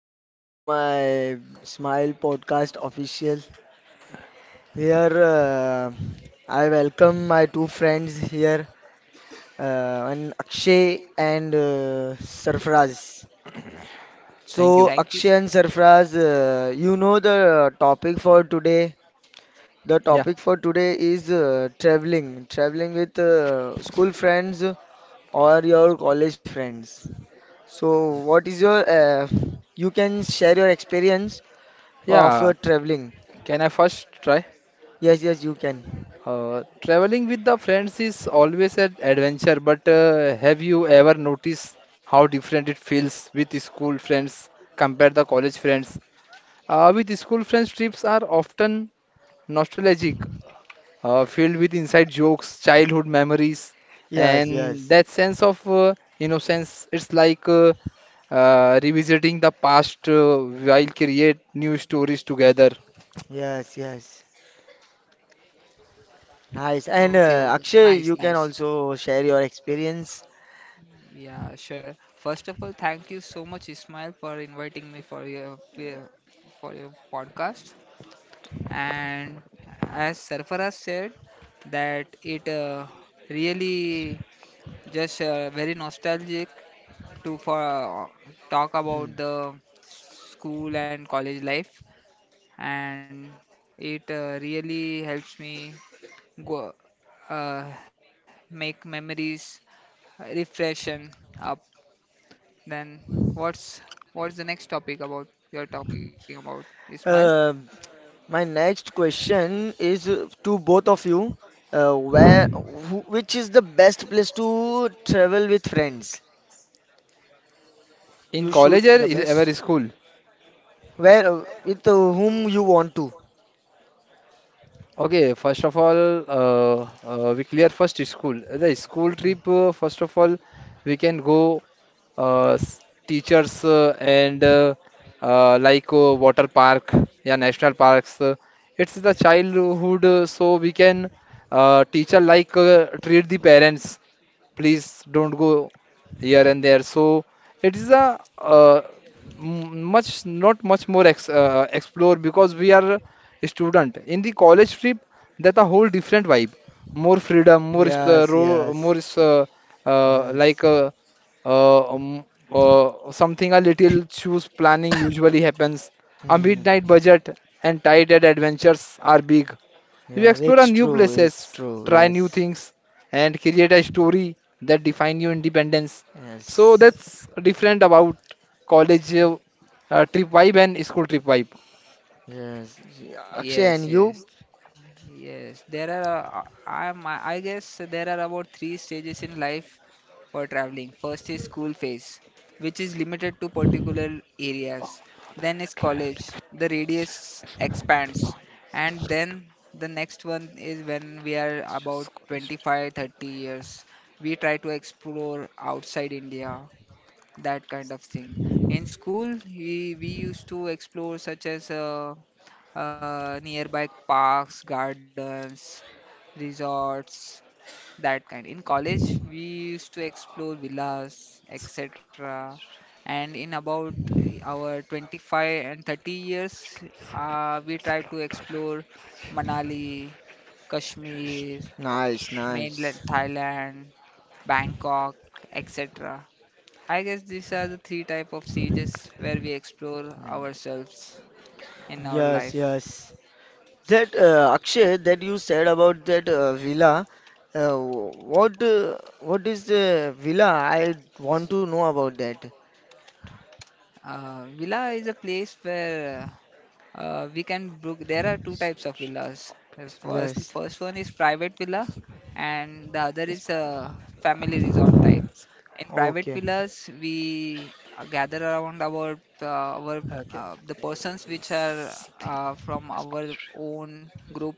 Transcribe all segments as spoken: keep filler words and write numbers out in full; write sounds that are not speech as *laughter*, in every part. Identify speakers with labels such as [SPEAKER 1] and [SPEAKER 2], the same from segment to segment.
[SPEAKER 1] welcome to my Smile Podcast official. Here, uh, I welcome my two friends here, uh, and Akshay and uh, Sarfraz.
[SPEAKER 2] Thank
[SPEAKER 1] So,
[SPEAKER 2] you.
[SPEAKER 3] Thank
[SPEAKER 1] Akshay
[SPEAKER 3] you.
[SPEAKER 1] and Sarfraz, uh, you know the topic for today. The
[SPEAKER 2] Yeah,
[SPEAKER 1] topic for today is uh, traveling, traveling with uh, school friends or your college friends. So,
[SPEAKER 2] yeah.
[SPEAKER 1] what is your uh, you can share your experience of
[SPEAKER 2] Yeah,
[SPEAKER 1] uh, traveling.
[SPEAKER 2] can I first try?
[SPEAKER 1] Yes, yes, you can.
[SPEAKER 2] Uh, traveling with the friends is always an adventure, but uh, have you ever noticed how different it feels with school friends compared to college friends? Uh, with school friends, trips are often nostalgic, uh, filled with inside jokes, childhood memories,
[SPEAKER 1] Yes,
[SPEAKER 2] and
[SPEAKER 1] yes,
[SPEAKER 2] that sense of uh, innocence. It's like uh, uh, revisiting the past uh, while create new stories together.
[SPEAKER 1] yes, yes. Nice. And
[SPEAKER 3] Okay,
[SPEAKER 1] uh,
[SPEAKER 3] okay.
[SPEAKER 1] Akshay,
[SPEAKER 3] Nice,
[SPEAKER 1] you can
[SPEAKER 3] nice.
[SPEAKER 1] also share your experience.
[SPEAKER 3] Yeah, sure. First of all, thank you so much, Ismail, for inviting me for your for for your podcast. And as Sarfaraz said, that it uh, really just uh, very nostalgic to for uh, talk
[SPEAKER 1] Hmm.
[SPEAKER 3] about the school and college life, and it uh, really helps me go uh, make memories refreshen up, then what's what's the next topic about you're talking about? Ismail?
[SPEAKER 1] Uh, my next question is uh, to both of you. Uh, where, wh which is the best place to travel with friends? You
[SPEAKER 2] In
[SPEAKER 1] should,
[SPEAKER 2] college
[SPEAKER 3] The
[SPEAKER 2] or is
[SPEAKER 3] best?
[SPEAKER 2] ever school?
[SPEAKER 1] where, uh, with uh, whom you want to.
[SPEAKER 2] Okay, first of all, uh, uh, we clear first is school. The school
[SPEAKER 1] Hmm.
[SPEAKER 2] trip, uh, first of all, we can go uh, s- teachers uh, and uh, uh, like uh, water park, yeah, national parks. Uh, it's the childhood, uh, so we can uh, teacher like uh, treat the parents. Please don't go here and there. So it is a uh, m- much not much more ex uh, explore because we are student. In the college trip, that's a whole different vibe. More freedom, more is- uh,
[SPEAKER 1] Yes,
[SPEAKER 2] ro-
[SPEAKER 1] yes,
[SPEAKER 2] more is, uh, uh, like
[SPEAKER 1] yes.
[SPEAKER 2] uh, uh, um, uh, something a little choose planning usually happens. A
[SPEAKER 1] Hmm.
[SPEAKER 2] midnight budget and tight end adventures are big. You
[SPEAKER 1] Yes,
[SPEAKER 2] explore a
[SPEAKER 1] it's
[SPEAKER 2] new
[SPEAKER 1] true. It's
[SPEAKER 2] places,
[SPEAKER 1] true.
[SPEAKER 2] try new
[SPEAKER 1] Yes,
[SPEAKER 2] things, and create a story that define your independence. So
[SPEAKER 1] yes.
[SPEAKER 2] that's different about college uh, uh, trip vibe and school trip vibe.
[SPEAKER 1] Yes, yeah, Akshay and
[SPEAKER 3] Yes,
[SPEAKER 1] you?
[SPEAKER 3] yes. Yes, there are. Uh, I am. I guess there are about three stages in life for traveling. First is school phase, which is limited to particular
[SPEAKER 2] All
[SPEAKER 3] areas.
[SPEAKER 2] mother
[SPEAKER 3] Then is
[SPEAKER 2] and
[SPEAKER 3] college.
[SPEAKER 2] traveling
[SPEAKER 3] The
[SPEAKER 2] with friend,
[SPEAKER 3] radius
[SPEAKER 2] if you want
[SPEAKER 3] expands,
[SPEAKER 2] life, the
[SPEAKER 3] and
[SPEAKER 2] freedom
[SPEAKER 3] then the next one is when we are
[SPEAKER 2] and just
[SPEAKER 3] about
[SPEAKER 2] college trip,
[SPEAKER 3] twenty-five,
[SPEAKER 2] the
[SPEAKER 3] thirty
[SPEAKER 2] islands
[SPEAKER 3] years. We try to explore outside India, that kind of thing. In school, we, we used to explore such as uh, uh, nearby parks, gardens, resorts, that kind. In college, we used to explore villas,
[SPEAKER 2] of the
[SPEAKER 3] et cetera.
[SPEAKER 2] college
[SPEAKER 3] And in about eh, our 25 and 30
[SPEAKER 2] one is
[SPEAKER 3] years,
[SPEAKER 2] not simple,
[SPEAKER 3] uh,
[SPEAKER 2] one
[SPEAKER 3] we
[SPEAKER 2] is
[SPEAKER 3] try to
[SPEAKER 2] laughter and
[SPEAKER 3] explore
[SPEAKER 2] such.
[SPEAKER 3] Manali,
[SPEAKER 2] And just
[SPEAKER 3] Kashmir,
[SPEAKER 2] college
[SPEAKER 1] Nice,
[SPEAKER 2] trip,
[SPEAKER 3] mainland
[SPEAKER 1] nice.
[SPEAKER 3] Thailand, Bangkok, et cetera. I guess these are the three type of stages where we explore ourselves in our
[SPEAKER 1] Yes,
[SPEAKER 3] life.
[SPEAKER 1] yes. That uh, Akshay, that you said about that uh, villa, uh, what uh, what is the villa? I want to know about that.
[SPEAKER 3] Uh, villa is a place where Uh, we can book. There are two types of villas. The First,
[SPEAKER 1] Yes.
[SPEAKER 3] first one is private villa, and the other is a family resort type. In private
[SPEAKER 1] Okay.
[SPEAKER 3] villas, we uh, gather around our uh, our
[SPEAKER 2] okay,
[SPEAKER 3] uh, the persons
[SPEAKER 2] I
[SPEAKER 3] which are
[SPEAKER 2] think
[SPEAKER 3] uh, from
[SPEAKER 2] best
[SPEAKER 3] our
[SPEAKER 2] college trip,
[SPEAKER 3] own group,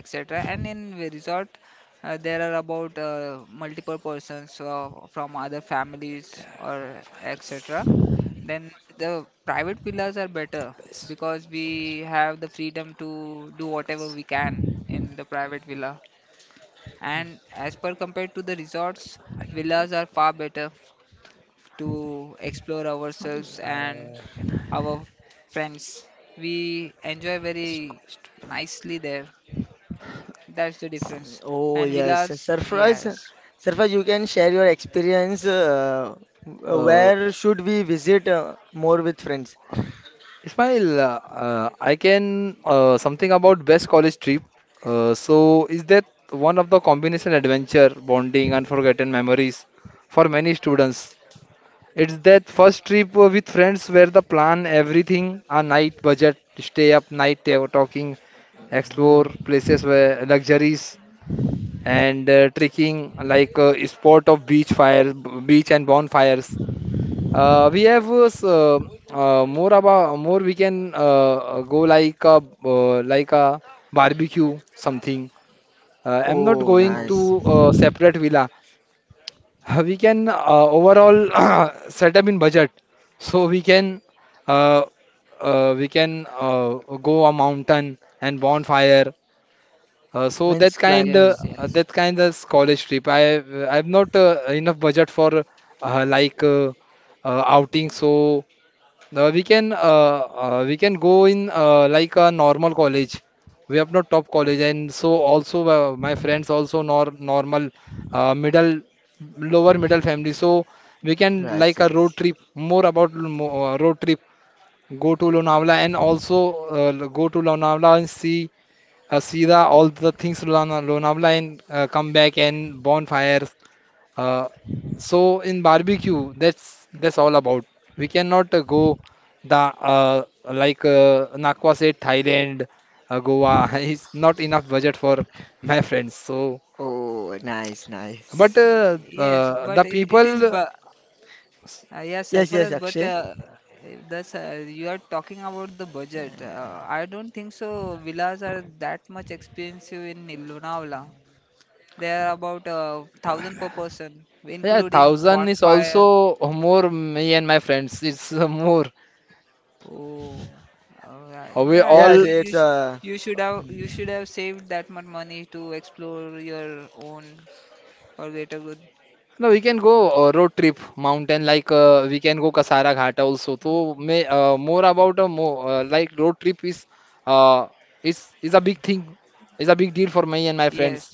[SPEAKER 3] et cetera. And in the resort, uh, there are about uh, multiple persons uh, from other families
[SPEAKER 2] home
[SPEAKER 3] or
[SPEAKER 2] fires,
[SPEAKER 3] et cetera. Then the private villas are
[SPEAKER 2] the
[SPEAKER 3] better
[SPEAKER 2] best,
[SPEAKER 3] because we have the freedom to do whatever we can in the private villa. And as per compared to the resorts,
[SPEAKER 2] I can tell.
[SPEAKER 3] villas are far better to explore ourselves and our friends. We enjoy very nicely there. That's the
[SPEAKER 1] S-
[SPEAKER 3] difference.
[SPEAKER 1] Oh
[SPEAKER 3] And
[SPEAKER 1] yes,
[SPEAKER 3] villas,
[SPEAKER 1] Surprise,
[SPEAKER 3] yes.
[SPEAKER 1] Surprise, you can share your experience. Uh, w-
[SPEAKER 2] Uh,
[SPEAKER 1] where should we visit uh, more with friends?
[SPEAKER 2] Ismail, uh, uh, I can uh, something about best college trip. Uh, so is that one of the combination adventure, bonding, unforgotten memories for many students? It's that first trip uh, with friends where the plan everything a night budget, stay up night ta- talking, explore
[SPEAKER 1] Hmm.
[SPEAKER 2] places where luxuries and uh, trekking like uh, sport of beach fires, b- beach and bonfires uh, we have uh, s- uh, uh, more about more we can uh, uh, go like a uh, like a barbecue something. Uh, I'm not
[SPEAKER 1] Oh,
[SPEAKER 2] going
[SPEAKER 3] Oh,
[SPEAKER 2] to
[SPEAKER 1] nice.
[SPEAKER 2] uh, separate villa. *laughs* We can uh, overall *coughs* *clears throat* set up in budget, so we can uh, uh, we can uh, go a mountain and bonfire uh, so that
[SPEAKER 1] Means
[SPEAKER 2] kind,
[SPEAKER 1] climbing.
[SPEAKER 2] uh,
[SPEAKER 3] yes,
[SPEAKER 2] uh,
[SPEAKER 3] yes.
[SPEAKER 2] that kind of college trip. I I've not uh, enough budget for uh, like uh, uh, outing. So uh, we can uh, uh, we can go in uh, like a normal college. We have not top college, and so also uh, my friends also nor normal uh, middle lower middle family. So we can
[SPEAKER 1] Yes,
[SPEAKER 2] like a road
[SPEAKER 1] yes.
[SPEAKER 2] trip. More about mo- uh, road trip. Go to Lonavala and also uh, go to Lonavala and see uh, see the all the things Lona- Lonavala and uh, come back and bonfires. Uh, so in barbecue, that's that's all about. We cannot uh,
[SPEAKER 3] Y-
[SPEAKER 2] go the uh, like uh, Nakwa said, Thailand, uh, Goa. *laughs* It's not enough budget for my friends. So,
[SPEAKER 1] Oh, nice,
[SPEAKER 2] but
[SPEAKER 1] nice.
[SPEAKER 3] y-
[SPEAKER 2] uh,
[SPEAKER 3] Yes,
[SPEAKER 2] uh,
[SPEAKER 3] but
[SPEAKER 2] the
[SPEAKER 3] I- it is
[SPEAKER 2] people,
[SPEAKER 3] bu Uh, yeah,
[SPEAKER 1] Yes, yes,
[SPEAKER 3] Sarfaraz, but
[SPEAKER 1] Akshay.
[SPEAKER 3] uh, that's uh, you are talking about the budget. Uh, I don't think so. Villas are that much expensive in Lonavala. They are about uh, thousand per person,
[SPEAKER 2] yeah,
[SPEAKER 3] including
[SPEAKER 2] thousand is
[SPEAKER 3] bonfire.
[SPEAKER 2] also more me and my friends. It's *laughs* uh, more.
[SPEAKER 3] Oh, uh, yeah.
[SPEAKER 2] Uh, We
[SPEAKER 3] yeah. You
[SPEAKER 1] Yes,
[SPEAKER 2] all
[SPEAKER 3] could you
[SPEAKER 1] it's
[SPEAKER 3] sh
[SPEAKER 1] uh.
[SPEAKER 3] you should have you
[SPEAKER 1] Mm.
[SPEAKER 3] should have saved that much money to explore your own or greater good.
[SPEAKER 2] no, we can go uh, road trip, mountain, like uh, we can go Kasara Ghat also. So may uh, more about a more uh, like road trip is uh is is a big thing, is a big deal for me and my
[SPEAKER 3] Yes.
[SPEAKER 2] friends.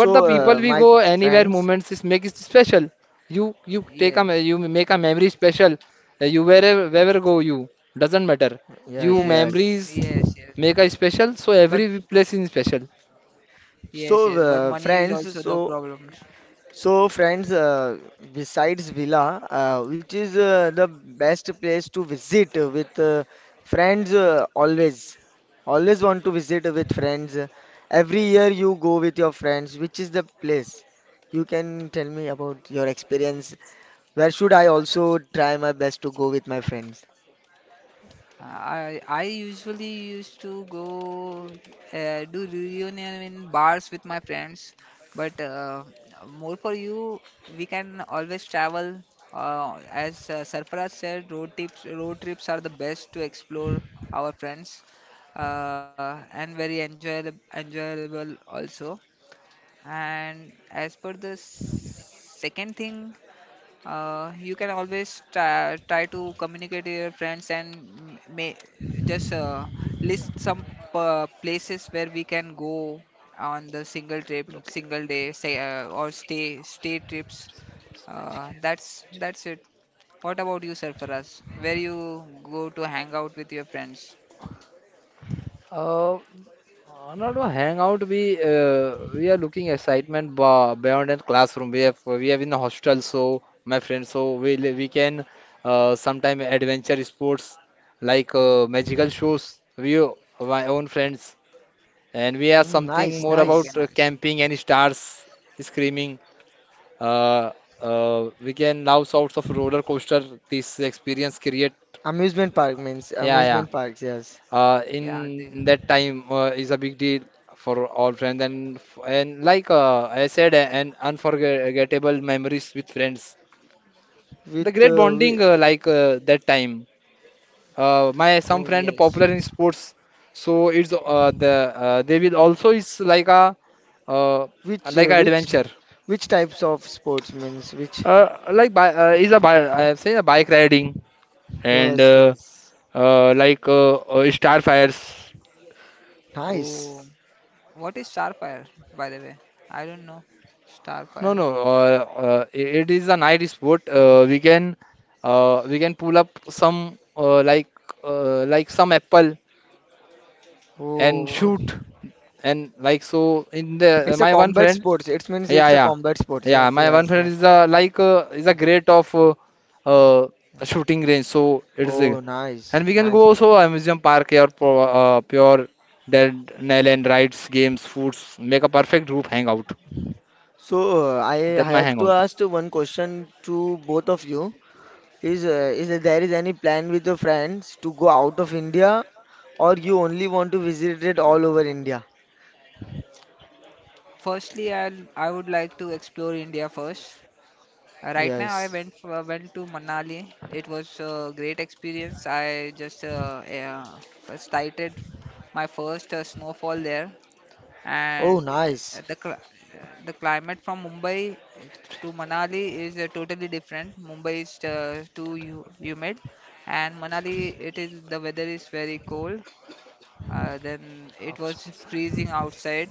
[SPEAKER 2] But the people
[SPEAKER 1] uh,
[SPEAKER 3] Oh,
[SPEAKER 2] we
[SPEAKER 1] my
[SPEAKER 2] go anywhere
[SPEAKER 1] friends.
[SPEAKER 2] moments is make it special. You you take a
[SPEAKER 3] yes.
[SPEAKER 2] me- you make a memory special. Uh, You wherever wherever go you doesn't matter.
[SPEAKER 3] Yes.
[SPEAKER 2] You
[SPEAKER 1] Yes, yes.
[SPEAKER 2] memories
[SPEAKER 3] Yes. Yes.
[SPEAKER 2] make a special. So
[SPEAKER 3] But
[SPEAKER 2] every place is special.
[SPEAKER 3] Yes,
[SPEAKER 1] So,
[SPEAKER 3] yes, but
[SPEAKER 1] uh,
[SPEAKER 3] money is
[SPEAKER 1] friends.
[SPEAKER 3] also the
[SPEAKER 1] So,
[SPEAKER 3] problem.
[SPEAKER 1] so friends. Uh, besides villa, uh, which is uh, the best place to visit with uh, friends? Uh, always, always want to visit with friends. Every year you go with your friends. Which is the place? You can tell me about your experience. Where should I also try my best to go with my friends?
[SPEAKER 3] I I usually used to go uh, do reunion in bars with my friends, but uh, more for you, we can always travel. Uh, as uh, Sarfaraz said, road trips road trips are the best to explore our friends, uh, and very enjoyable enjoyable also. And as per the s- second thing. Uh, you can always try, try to communicate to your friends and m- may just uh, list some uh, places where we can go on the single trip,
[SPEAKER 2] Okay.
[SPEAKER 3] single day, say uh, or stay stay trips. Uh, that's that's it. What about you, Sarfaraz? Where you go to hang out with your friends?
[SPEAKER 2] Uh, uh, Not a hangout. We uh, we are looking excitement ba- beyond a classroom. We have we have in the hostel, so my friend, so we li- we can uh, sometime adventure sports like uh, magical shows. We o- my own friends, and we are
[SPEAKER 1] Mm,
[SPEAKER 2] something
[SPEAKER 1] nice,
[SPEAKER 2] more
[SPEAKER 3] Okay,
[SPEAKER 2] about
[SPEAKER 3] okay,
[SPEAKER 1] nice.
[SPEAKER 2] uh,
[SPEAKER 3] nice.
[SPEAKER 2] camping and stars screaming. Uh, uh, we can love sorts of roller coaster. This experience create.
[SPEAKER 1] Amusement park means
[SPEAKER 2] Yeah, yeah
[SPEAKER 1] amusement parks, yes.
[SPEAKER 2] uh, in
[SPEAKER 3] Yeah, they,
[SPEAKER 2] in that time uh, is a big deal for all friends and f- and like uh, I said, a- an unforgettable memories with friends. The
[SPEAKER 1] With
[SPEAKER 2] great
[SPEAKER 1] uh, whi-
[SPEAKER 2] bonding uh, like uh, that time. Uh, my some
[SPEAKER 3] oh,
[SPEAKER 2] friend
[SPEAKER 3] yes.
[SPEAKER 2] popular in sports, so it's uh, the uh, they will also is like a uh,
[SPEAKER 1] which
[SPEAKER 2] like
[SPEAKER 1] uh,
[SPEAKER 2] a
[SPEAKER 1] Which
[SPEAKER 2] adventure.
[SPEAKER 1] which types of sports means which?
[SPEAKER 2] Uh, like bi uh, is a bi I have seen a bike riding and
[SPEAKER 1] Yes,
[SPEAKER 2] uh,
[SPEAKER 1] yes.
[SPEAKER 2] uh, like uh, uh, starfires.
[SPEAKER 1] Nice.
[SPEAKER 3] Oh, what is Starfire, by the way? I don't know.
[SPEAKER 2] No,
[SPEAKER 3] Starfire.
[SPEAKER 2] no. Uh, uh, it is a night sport. Uh, we can uh, we can pull up some uh, like uh, like some apple and
[SPEAKER 1] Oh,
[SPEAKER 2] shoot and like so in the
[SPEAKER 1] it's a
[SPEAKER 2] my one
[SPEAKER 1] combat
[SPEAKER 2] friend.
[SPEAKER 1] sports. It means
[SPEAKER 2] Yeah,
[SPEAKER 1] it's a
[SPEAKER 2] yeah,
[SPEAKER 1] combat sports.
[SPEAKER 2] yeah.
[SPEAKER 1] Yes,
[SPEAKER 2] My one
[SPEAKER 1] yes,
[SPEAKER 2] friend is
[SPEAKER 1] yes.
[SPEAKER 2] a like uh, is a great of uh, uh, shooting range. So it is
[SPEAKER 1] Oh,
[SPEAKER 2] a,
[SPEAKER 1] nice,
[SPEAKER 2] and we can go
[SPEAKER 1] nice. One.
[SPEAKER 2] also amusement park here for uh, pure dead nail and rides games foods make a perfect group hangout.
[SPEAKER 1] So uh, I
[SPEAKER 2] That's my
[SPEAKER 1] have to
[SPEAKER 2] hangout.
[SPEAKER 1] ask one question to both of you. Is uh, is there is any plan with your friends to go out of India, or you only want to visit it all over India?
[SPEAKER 3] Firstly, I'll, I would like to explore India first. Uh, Right now, I
[SPEAKER 1] Yes.
[SPEAKER 3] went for, went to Manali. It was a great experience. I just uh, uh, first sighted my first uh, snowfall there,
[SPEAKER 1] Oh,
[SPEAKER 3] and uh, the
[SPEAKER 1] nice.
[SPEAKER 3] cl- uh, the climate from Mumbai to Manali is uh, totally different. Mumbai is uh, too hu- humid, and Manali, it is the weather is very cold. Uh, then it was freezing outside.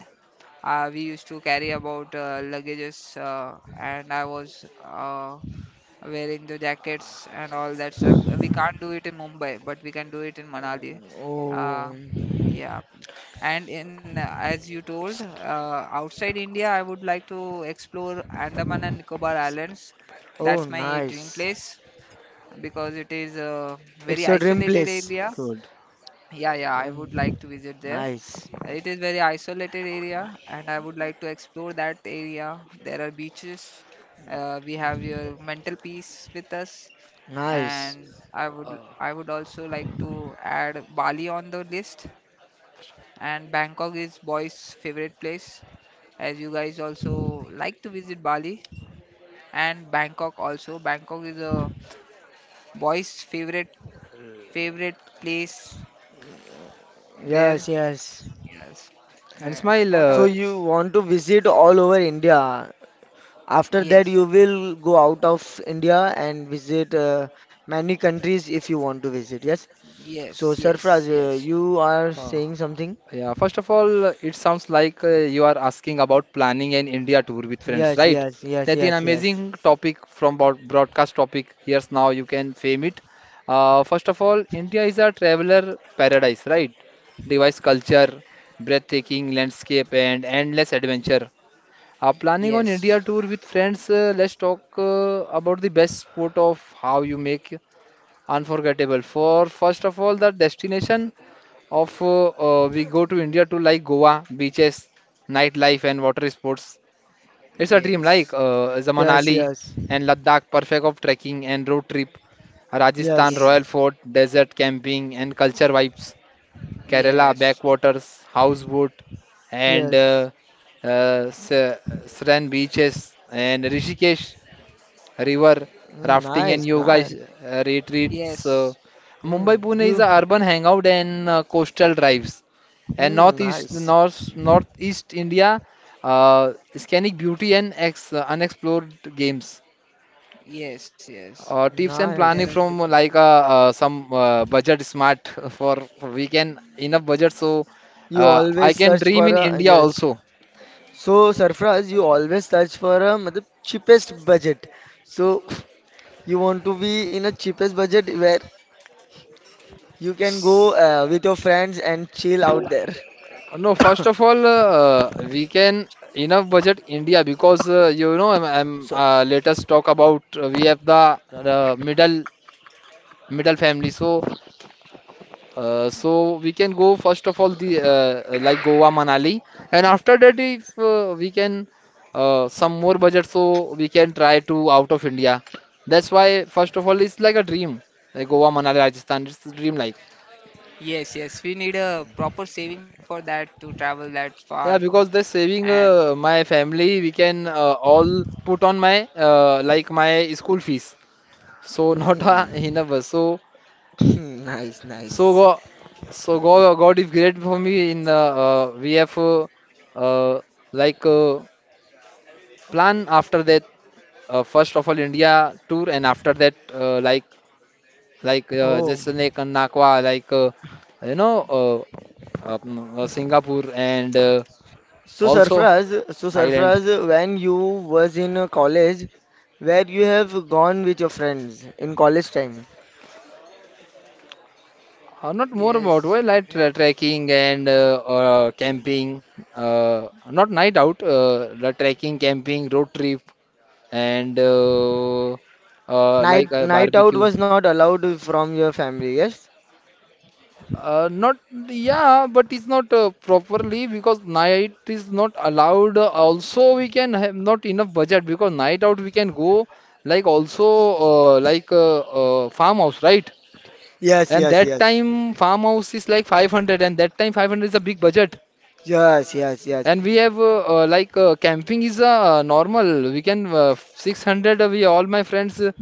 [SPEAKER 3] uh, We used to carry about uh, luggages, uh, and I was uh, wearing the jackets and all that stuff. Uh, We can't do it in Mumbai, but we can do it in Manali. Uh,
[SPEAKER 1] Oh,
[SPEAKER 3] yeah, and in uh, as you told, uh, outside India, I would like to explore Andaman and Nicobar Islands.
[SPEAKER 1] oh,
[SPEAKER 3] That's my dream
[SPEAKER 1] nice.
[SPEAKER 3] place because it is a
[SPEAKER 1] It's
[SPEAKER 3] very
[SPEAKER 1] your dream
[SPEAKER 3] isolated
[SPEAKER 1] place.
[SPEAKER 3] area.
[SPEAKER 2] Good.
[SPEAKER 3] Yeah, yeah, I would
[SPEAKER 1] Mm,
[SPEAKER 3] like to visit there.
[SPEAKER 1] nice.
[SPEAKER 3] It is very isolated area, and I would like to explore that area. There are beaches. Uh, we have your mental peace with us,
[SPEAKER 1] Nice.
[SPEAKER 3] and I would I would also like to add Bali on the list. And Bangkok is boys' favorite place, as you guys also like to visit Bali and Bangkok also. Bangkok is a boys' favorite favorite place there.
[SPEAKER 1] Yes, yes.
[SPEAKER 3] Yes.
[SPEAKER 2] And
[SPEAKER 3] Yes.
[SPEAKER 2] Smile,
[SPEAKER 3] What
[SPEAKER 1] So
[SPEAKER 2] uh,
[SPEAKER 3] else?
[SPEAKER 1] you want to visit all over India. After that,
[SPEAKER 3] Yes.
[SPEAKER 1] you will go out of India and visit uh, many countries if you want to visit. Yes. So,
[SPEAKER 3] Yes.
[SPEAKER 1] Sarfraz,
[SPEAKER 3] Yes.
[SPEAKER 1] uh,
[SPEAKER 3] Yes.
[SPEAKER 1] you are
[SPEAKER 2] Uh,
[SPEAKER 1] saying something?
[SPEAKER 2] yeah, first of all, uh, it sounds like uh, you are asking about planning an India tour with friends,
[SPEAKER 1] Yes,
[SPEAKER 2] right?
[SPEAKER 1] yes, yes,
[SPEAKER 2] That's an
[SPEAKER 1] yes, yes.
[SPEAKER 2] amazing topic from broad- broadcast topic. Here's now you can fame it. Uh, first of all, India is a traveler paradise, right? Device culture, breathtaking landscape, and endless adventure. Uh, planning on India tour with friends, uh, let's talk uh, about the best spot of how you make. Unforgettable for first of all the destination of uh, uh, we go to India to like Goa beaches nightlife and water sports it's a dream like
[SPEAKER 3] Yes.
[SPEAKER 2] uh, the
[SPEAKER 1] Yes,
[SPEAKER 2] Manali
[SPEAKER 1] yes.
[SPEAKER 2] and Ladakh perfect of trekking and road trip Rajasthan
[SPEAKER 1] Yes,
[SPEAKER 2] Royal
[SPEAKER 3] Yes.
[SPEAKER 2] Fort desert camping and culture vibes Kerala
[SPEAKER 3] Yes.
[SPEAKER 2] backwaters houseboat and
[SPEAKER 1] yes.
[SPEAKER 2] uh, uh, Sa- Saran beaches and Rishikesh river
[SPEAKER 1] Mm,
[SPEAKER 2] rafting, and
[SPEAKER 1] nice,
[SPEAKER 2] yoga is-
[SPEAKER 1] nice.
[SPEAKER 2] uh, retreats. Uh,
[SPEAKER 3] Yes. Yes.
[SPEAKER 2] Mumbai
[SPEAKER 1] Mm,
[SPEAKER 2] Pune is
[SPEAKER 1] you,
[SPEAKER 2] a urban hangout and uh, coastal drives. And
[SPEAKER 1] mm,
[SPEAKER 2] northeast,
[SPEAKER 1] nice,
[SPEAKER 2] north, northeast India, uh, scenic beauty and ex, uh, unexplored games.
[SPEAKER 3] Yes. Yes.
[SPEAKER 2] Uh, tips and
[SPEAKER 3] There are
[SPEAKER 2] planning
[SPEAKER 1] nice.
[SPEAKER 2] from
[SPEAKER 3] different.
[SPEAKER 2] uh, like uh, uh, some uh, budget smart *laughs* for we can enough budget so
[SPEAKER 1] You
[SPEAKER 2] uh, I
[SPEAKER 1] always
[SPEAKER 2] can
[SPEAKER 1] search
[SPEAKER 2] dream
[SPEAKER 1] for
[SPEAKER 2] in
[SPEAKER 1] a
[SPEAKER 2] India
[SPEAKER 1] yes.
[SPEAKER 2] also.
[SPEAKER 1] So, Sarfraz, you always search for a matlab, cheapest budget. So, *laughs* you want to be in a cheapest budget where you can go uh, with your friends and chill out there.
[SPEAKER 2] No, first of
[SPEAKER 1] *coughs*
[SPEAKER 2] all, uh, we can enough budget India because uh, you know I'm, I'm
[SPEAKER 1] So,
[SPEAKER 2] uh, let us talk about uh, we have the uh, middle middle family so uh, so we can go first of all the uh, like Goa Manali and after that if uh, we can uh, some more budget so we can try to out of India. That's why first of all it's like a dream like Goa Manali Rajasthan it's a dream life.
[SPEAKER 3] Yes. Yes. We need a proper saving for that to travel that far.
[SPEAKER 2] Yeah, because the saving
[SPEAKER 3] And
[SPEAKER 2] uh, my family, we can uh, all put on my uh, like my school fees. So *laughs* not uh,
[SPEAKER 1] mm,
[SPEAKER 2] enough. uh, So
[SPEAKER 1] *coughs* nice,
[SPEAKER 2] so
[SPEAKER 1] nice.
[SPEAKER 2] God, so God, God is great for me. In uh, uh, we have uh, uh, like uh, plan after that. Uh, first of all, India tour, and after that, uh, like like uh,
[SPEAKER 1] Oh,
[SPEAKER 2] Jaisalmer, Nakwa, like uh, you know, uh, uh, mm, uh, Singapore, and uh,
[SPEAKER 1] so
[SPEAKER 2] also
[SPEAKER 1] Sarfraz, so
[SPEAKER 2] Thailand.
[SPEAKER 1] Sarfraz, when you was in uh, college, where you have gone with your friends in college time?
[SPEAKER 2] Uh, not more about
[SPEAKER 3] yes.
[SPEAKER 2] why like
[SPEAKER 3] Yeah.
[SPEAKER 2] tra- trekking and uh, uh, camping. Uh, not night out. Uh, the trekking, camping, road trip, and uh, uh, like
[SPEAKER 1] Night
[SPEAKER 2] uh,
[SPEAKER 1] night out
[SPEAKER 2] barbecue.
[SPEAKER 1] was not allowed from your family, yes?
[SPEAKER 2] Uh, not yeah, but it's not uh, properly because night is not allowed. Also, we can have not enough budget because night out we can go like also uh, like uh, uh, farmhouse, right?
[SPEAKER 1] Yes,
[SPEAKER 2] And
[SPEAKER 1] yes,
[SPEAKER 2] that
[SPEAKER 1] yes.
[SPEAKER 2] time farmhouse is like five hundred, and that time five hundred is a big budget.
[SPEAKER 1] Yes, yes, yes,
[SPEAKER 2] And
[SPEAKER 3] Yeah,
[SPEAKER 2] we have uh, uh, like uh, camping is uh, normal. We can uh, six hundred we all my friends uh,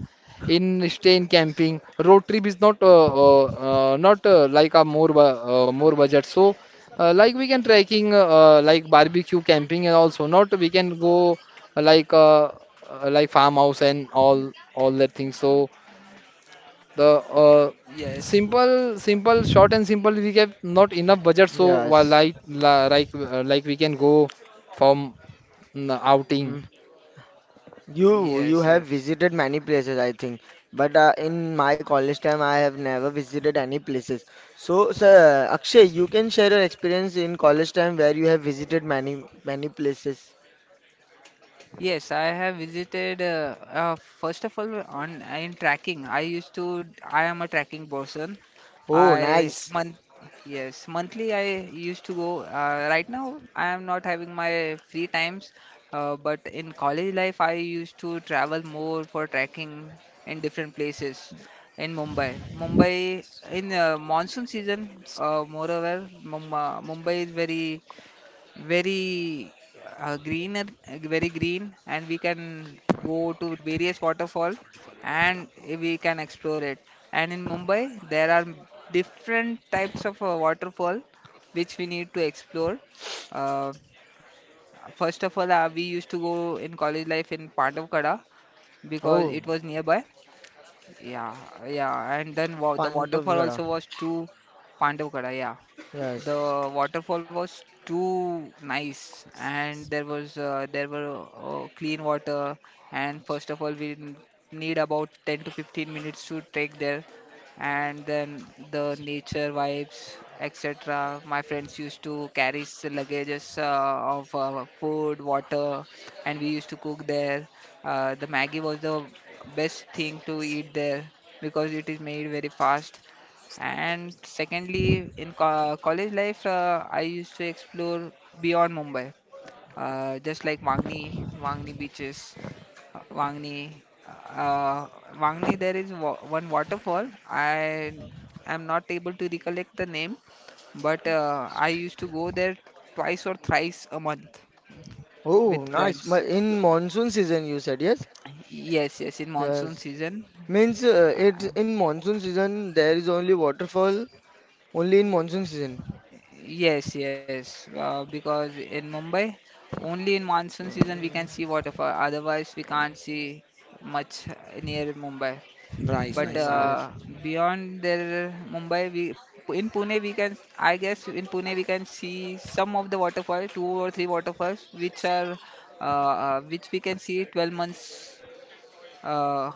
[SPEAKER 2] in stay in camping. Road trip is not uh, uh, uh, not uh, like a more bu- uh, more budget. So uh, like we can trekking uh, uh, like barbecue camping and also not we can go uh, like uh, uh, like farmhouse and all all that things. So the uh,
[SPEAKER 3] yes.
[SPEAKER 2] simple, simple, short and simple. We have not enough budget, so while
[SPEAKER 1] yes.
[SPEAKER 2] like la- like uh, like we can go from mm, outing.
[SPEAKER 1] Mm. You you
[SPEAKER 3] Yes.
[SPEAKER 1] have
[SPEAKER 3] Yes.
[SPEAKER 1] visited many places, I think. But uh, in my college time, I have never visited any places. So, sir, Akshay, you can share your experience in college time where you have visited many many places.
[SPEAKER 3] Yes, I have visited. Uh, uh, first of all, on in tracking, I used to. I am a tracking person.
[SPEAKER 1] Oh,
[SPEAKER 3] I
[SPEAKER 1] nice.
[SPEAKER 3] month Yes, monthly I used to go. Uh, right now I am not having my free times, uh, but in college life I used to travel more for tracking in different places in Mumbai. Mumbai in uh, monsoon season, uh, moreover, Mum- uh, Mumbai is very very uh, green very green and we can go to various waterfall, and we can explore it. And in Mumbai there are different types of uh, waterfall which we need to explore. uh, First of all, uh, we used to go in college life in Pandavkada because it was
[SPEAKER 1] Oh,
[SPEAKER 3] nearby. Yeah, yeah, and then wa- the waterfall also
[SPEAKER 1] Pandavgarh.
[SPEAKER 3] was to Pandavkada. Yeah, the
[SPEAKER 1] Yes.
[SPEAKER 3] waterfall was too nice, and there was uh, there were uh, clean water. And first of all, we n- need about ten to fifteen minutes to trek there, and then the nature vibes, et cetera. My friends used to carry s- luggages uh, of uh, food, water, and we used to cook there. Uh, the Maggie was the best thing to eat there because it is made very fast. And secondly, in co- college life, uh, I used to explore beyond Mumbai, uh, just like Wangni, Wangni beaches, uh, Wangni. Uh, Wangni, there is wa one waterfall. I am not able to recollect the name, but uh, I used to go there twice or thrice a month
[SPEAKER 1] Oh,
[SPEAKER 3] with
[SPEAKER 1] nice. Ma-
[SPEAKER 3] friends.
[SPEAKER 1] In monsoon season, you said, yes?
[SPEAKER 3] Yes, yes, in monsoon
[SPEAKER 1] Yes.
[SPEAKER 3] season.
[SPEAKER 1] Means uh, it
[SPEAKER 3] Uh,
[SPEAKER 1] in monsoon season there is only waterfall only in monsoon season.
[SPEAKER 3] Yes, yes, uh, because in Mumbai, only in monsoon season we
[SPEAKER 1] Mm,
[SPEAKER 3] can see waterfall. Otherwise, we can't see much near Mumbai.
[SPEAKER 2] Nice,
[SPEAKER 3] But
[SPEAKER 1] mm,
[SPEAKER 2] nice,
[SPEAKER 1] nice.
[SPEAKER 2] great.
[SPEAKER 3] uh, beyond there, Mumbai, we in Pune we can. I guess in Pune we can see some of the waterfall, two or three waterfalls, which are uh, uh, which we can see twelve months. Uh,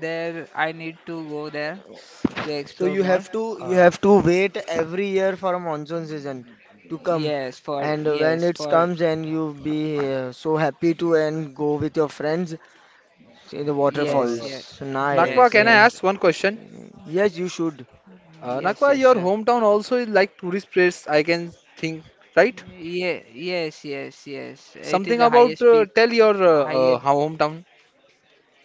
[SPEAKER 3] there, I need to go there to
[SPEAKER 1] So
[SPEAKER 3] explore
[SPEAKER 1] you have
[SPEAKER 3] more.
[SPEAKER 1] to you
[SPEAKER 2] Uh,
[SPEAKER 1] have to wait every year for a monsoon season to come.
[SPEAKER 3] Yes, for
[SPEAKER 1] And when
[SPEAKER 3] yes,
[SPEAKER 1] it
[SPEAKER 3] for
[SPEAKER 1] comes and you be uh, so happy to and go with your friends in the
[SPEAKER 3] Yes,
[SPEAKER 2] uh,
[SPEAKER 3] yes,
[SPEAKER 1] waterfalls.
[SPEAKER 2] Nakba,
[SPEAKER 1] Nice.
[SPEAKER 3] yes,
[SPEAKER 2] can I
[SPEAKER 1] Uh,
[SPEAKER 3] yes,
[SPEAKER 2] ask one question?
[SPEAKER 1] yes, you should.
[SPEAKER 2] Uh,
[SPEAKER 3] yes,
[SPEAKER 2] Nakba,
[SPEAKER 3] yes,
[SPEAKER 2] your
[SPEAKER 3] sure.
[SPEAKER 2] hometown also is like tourist place, I can think, right?
[SPEAKER 3] Yeah, yes, yes, yes. It is
[SPEAKER 2] Something
[SPEAKER 3] the
[SPEAKER 2] about
[SPEAKER 3] highest
[SPEAKER 2] uh,
[SPEAKER 3] peak,
[SPEAKER 2] tell your
[SPEAKER 3] highest.
[SPEAKER 2] uh, uh, how hometown.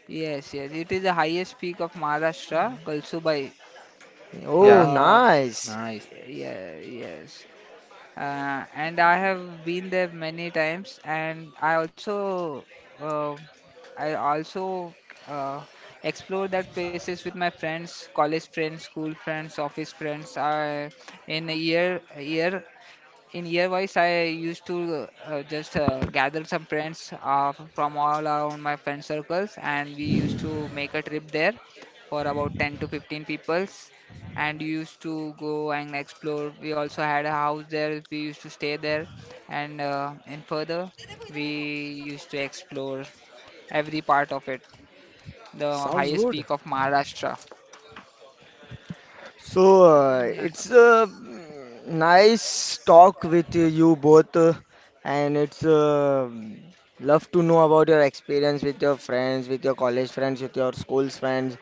[SPEAKER 3] Yes, yes. It is the highest peak of Maharashtra, Kalsubai.
[SPEAKER 1] Oh,
[SPEAKER 2] Yeah,
[SPEAKER 3] Uh,
[SPEAKER 1] nice.
[SPEAKER 2] nice.
[SPEAKER 3] yeah, yes. Uh, and I have been there many times, and I also uh, I also uh, explore that places with my friends, college friends, school friends, office friends. I in a year a year in year wise I used to uh, just uh, gather some friends uh, from all around my friend circles, and we used to make a trip there for about ten to fifteen peoples, and we used to go and explore. We also had a house there, we used to stay there, and uh, in further we used to explore every part of it, the highest peak of Maharashtra.
[SPEAKER 1] So, uh,
[SPEAKER 3] Yeah,
[SPEAKER 1] it's a mm, nice talk with you both, uh, and it's uh, love to know about your experience with your friends, with your college friends, with your school's friends,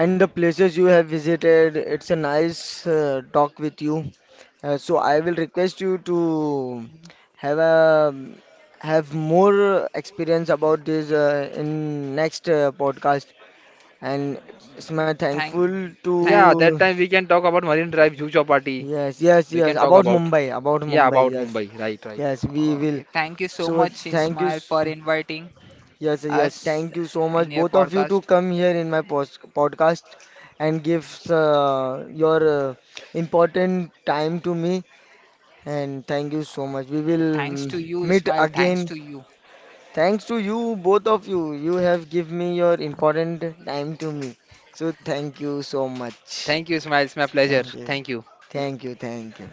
[SPEAKER 1] and the places you have visited. It's a nice uh, talk with you. Uh, so, I will request you to have a have more experience about this uh, in next uh, podcast. And it's it's my
[SPEAKER 3] thank
[SPEAKER 1] thankful
[SPEAKER 3] thank
[SPEAKER 2] Yeah,
[SPEAKER 1] to
[SPEAKER 2] that time we can talk about Marine Drive, Juhu Chowpaty.
[SPEAKER 1] yes, yes,
[SPEAKER 2] We
[SPEAKER 1] yes.
[SPEAKER 2] can talk
[SPEAKER 1] About
[SPEAKER 2] about
[SPEAKER 1] Mumbai, about
[SPEAKER 2] yeah
[SPEAKER 1] Mumbai.
[SPEAKER 2] about
[SPEAKER 1] Yes,
[SPEAKER 2] Mumbai, right, right.
[SPEAKER 1] yes, we will.
[SPEAKER 3] okay, thank you so
[SPEAKER 1] So
[SPEAKER 3] much,
[SPEAKER 1] thank you.
[SPEAKER 3] Ismail,
[SPEAKER 1] s-
[SPEAKER 3] for inviting
[SPEAKER 1] Yes, yes.
[SPEAKER 3] us
[SPEAKER 1] Thank you so much,
[SPEAKER 3] in your
[SPEAKER 1] both of you, to
[SPEAKER 3] podcast.
[SPEAKER 1] come here in my post podcast and give uh, your uh, important time to me. And thank you so much. We will
[SPEAKER 3] Uh,
[SPEAKER 1] mm,
[SPEAKER 3] Thanks to you,
[SPEAKER 1] meet
[SPEAKER 3] Ismail. Thanks
[SPEAKER 1] again.
[SPEAKER 3] to you.
[SPEAKER 1] Thanks to you, both of you. You have give me your important time to me. So thank you so much.
[SPEAKER 2] Thank you, Ismail. It's my pleasure.
[SPEAKER 1] Thank you.
[SPEAKER 2] Thank you.
[SPEAKER 1] Thank you. Thank you.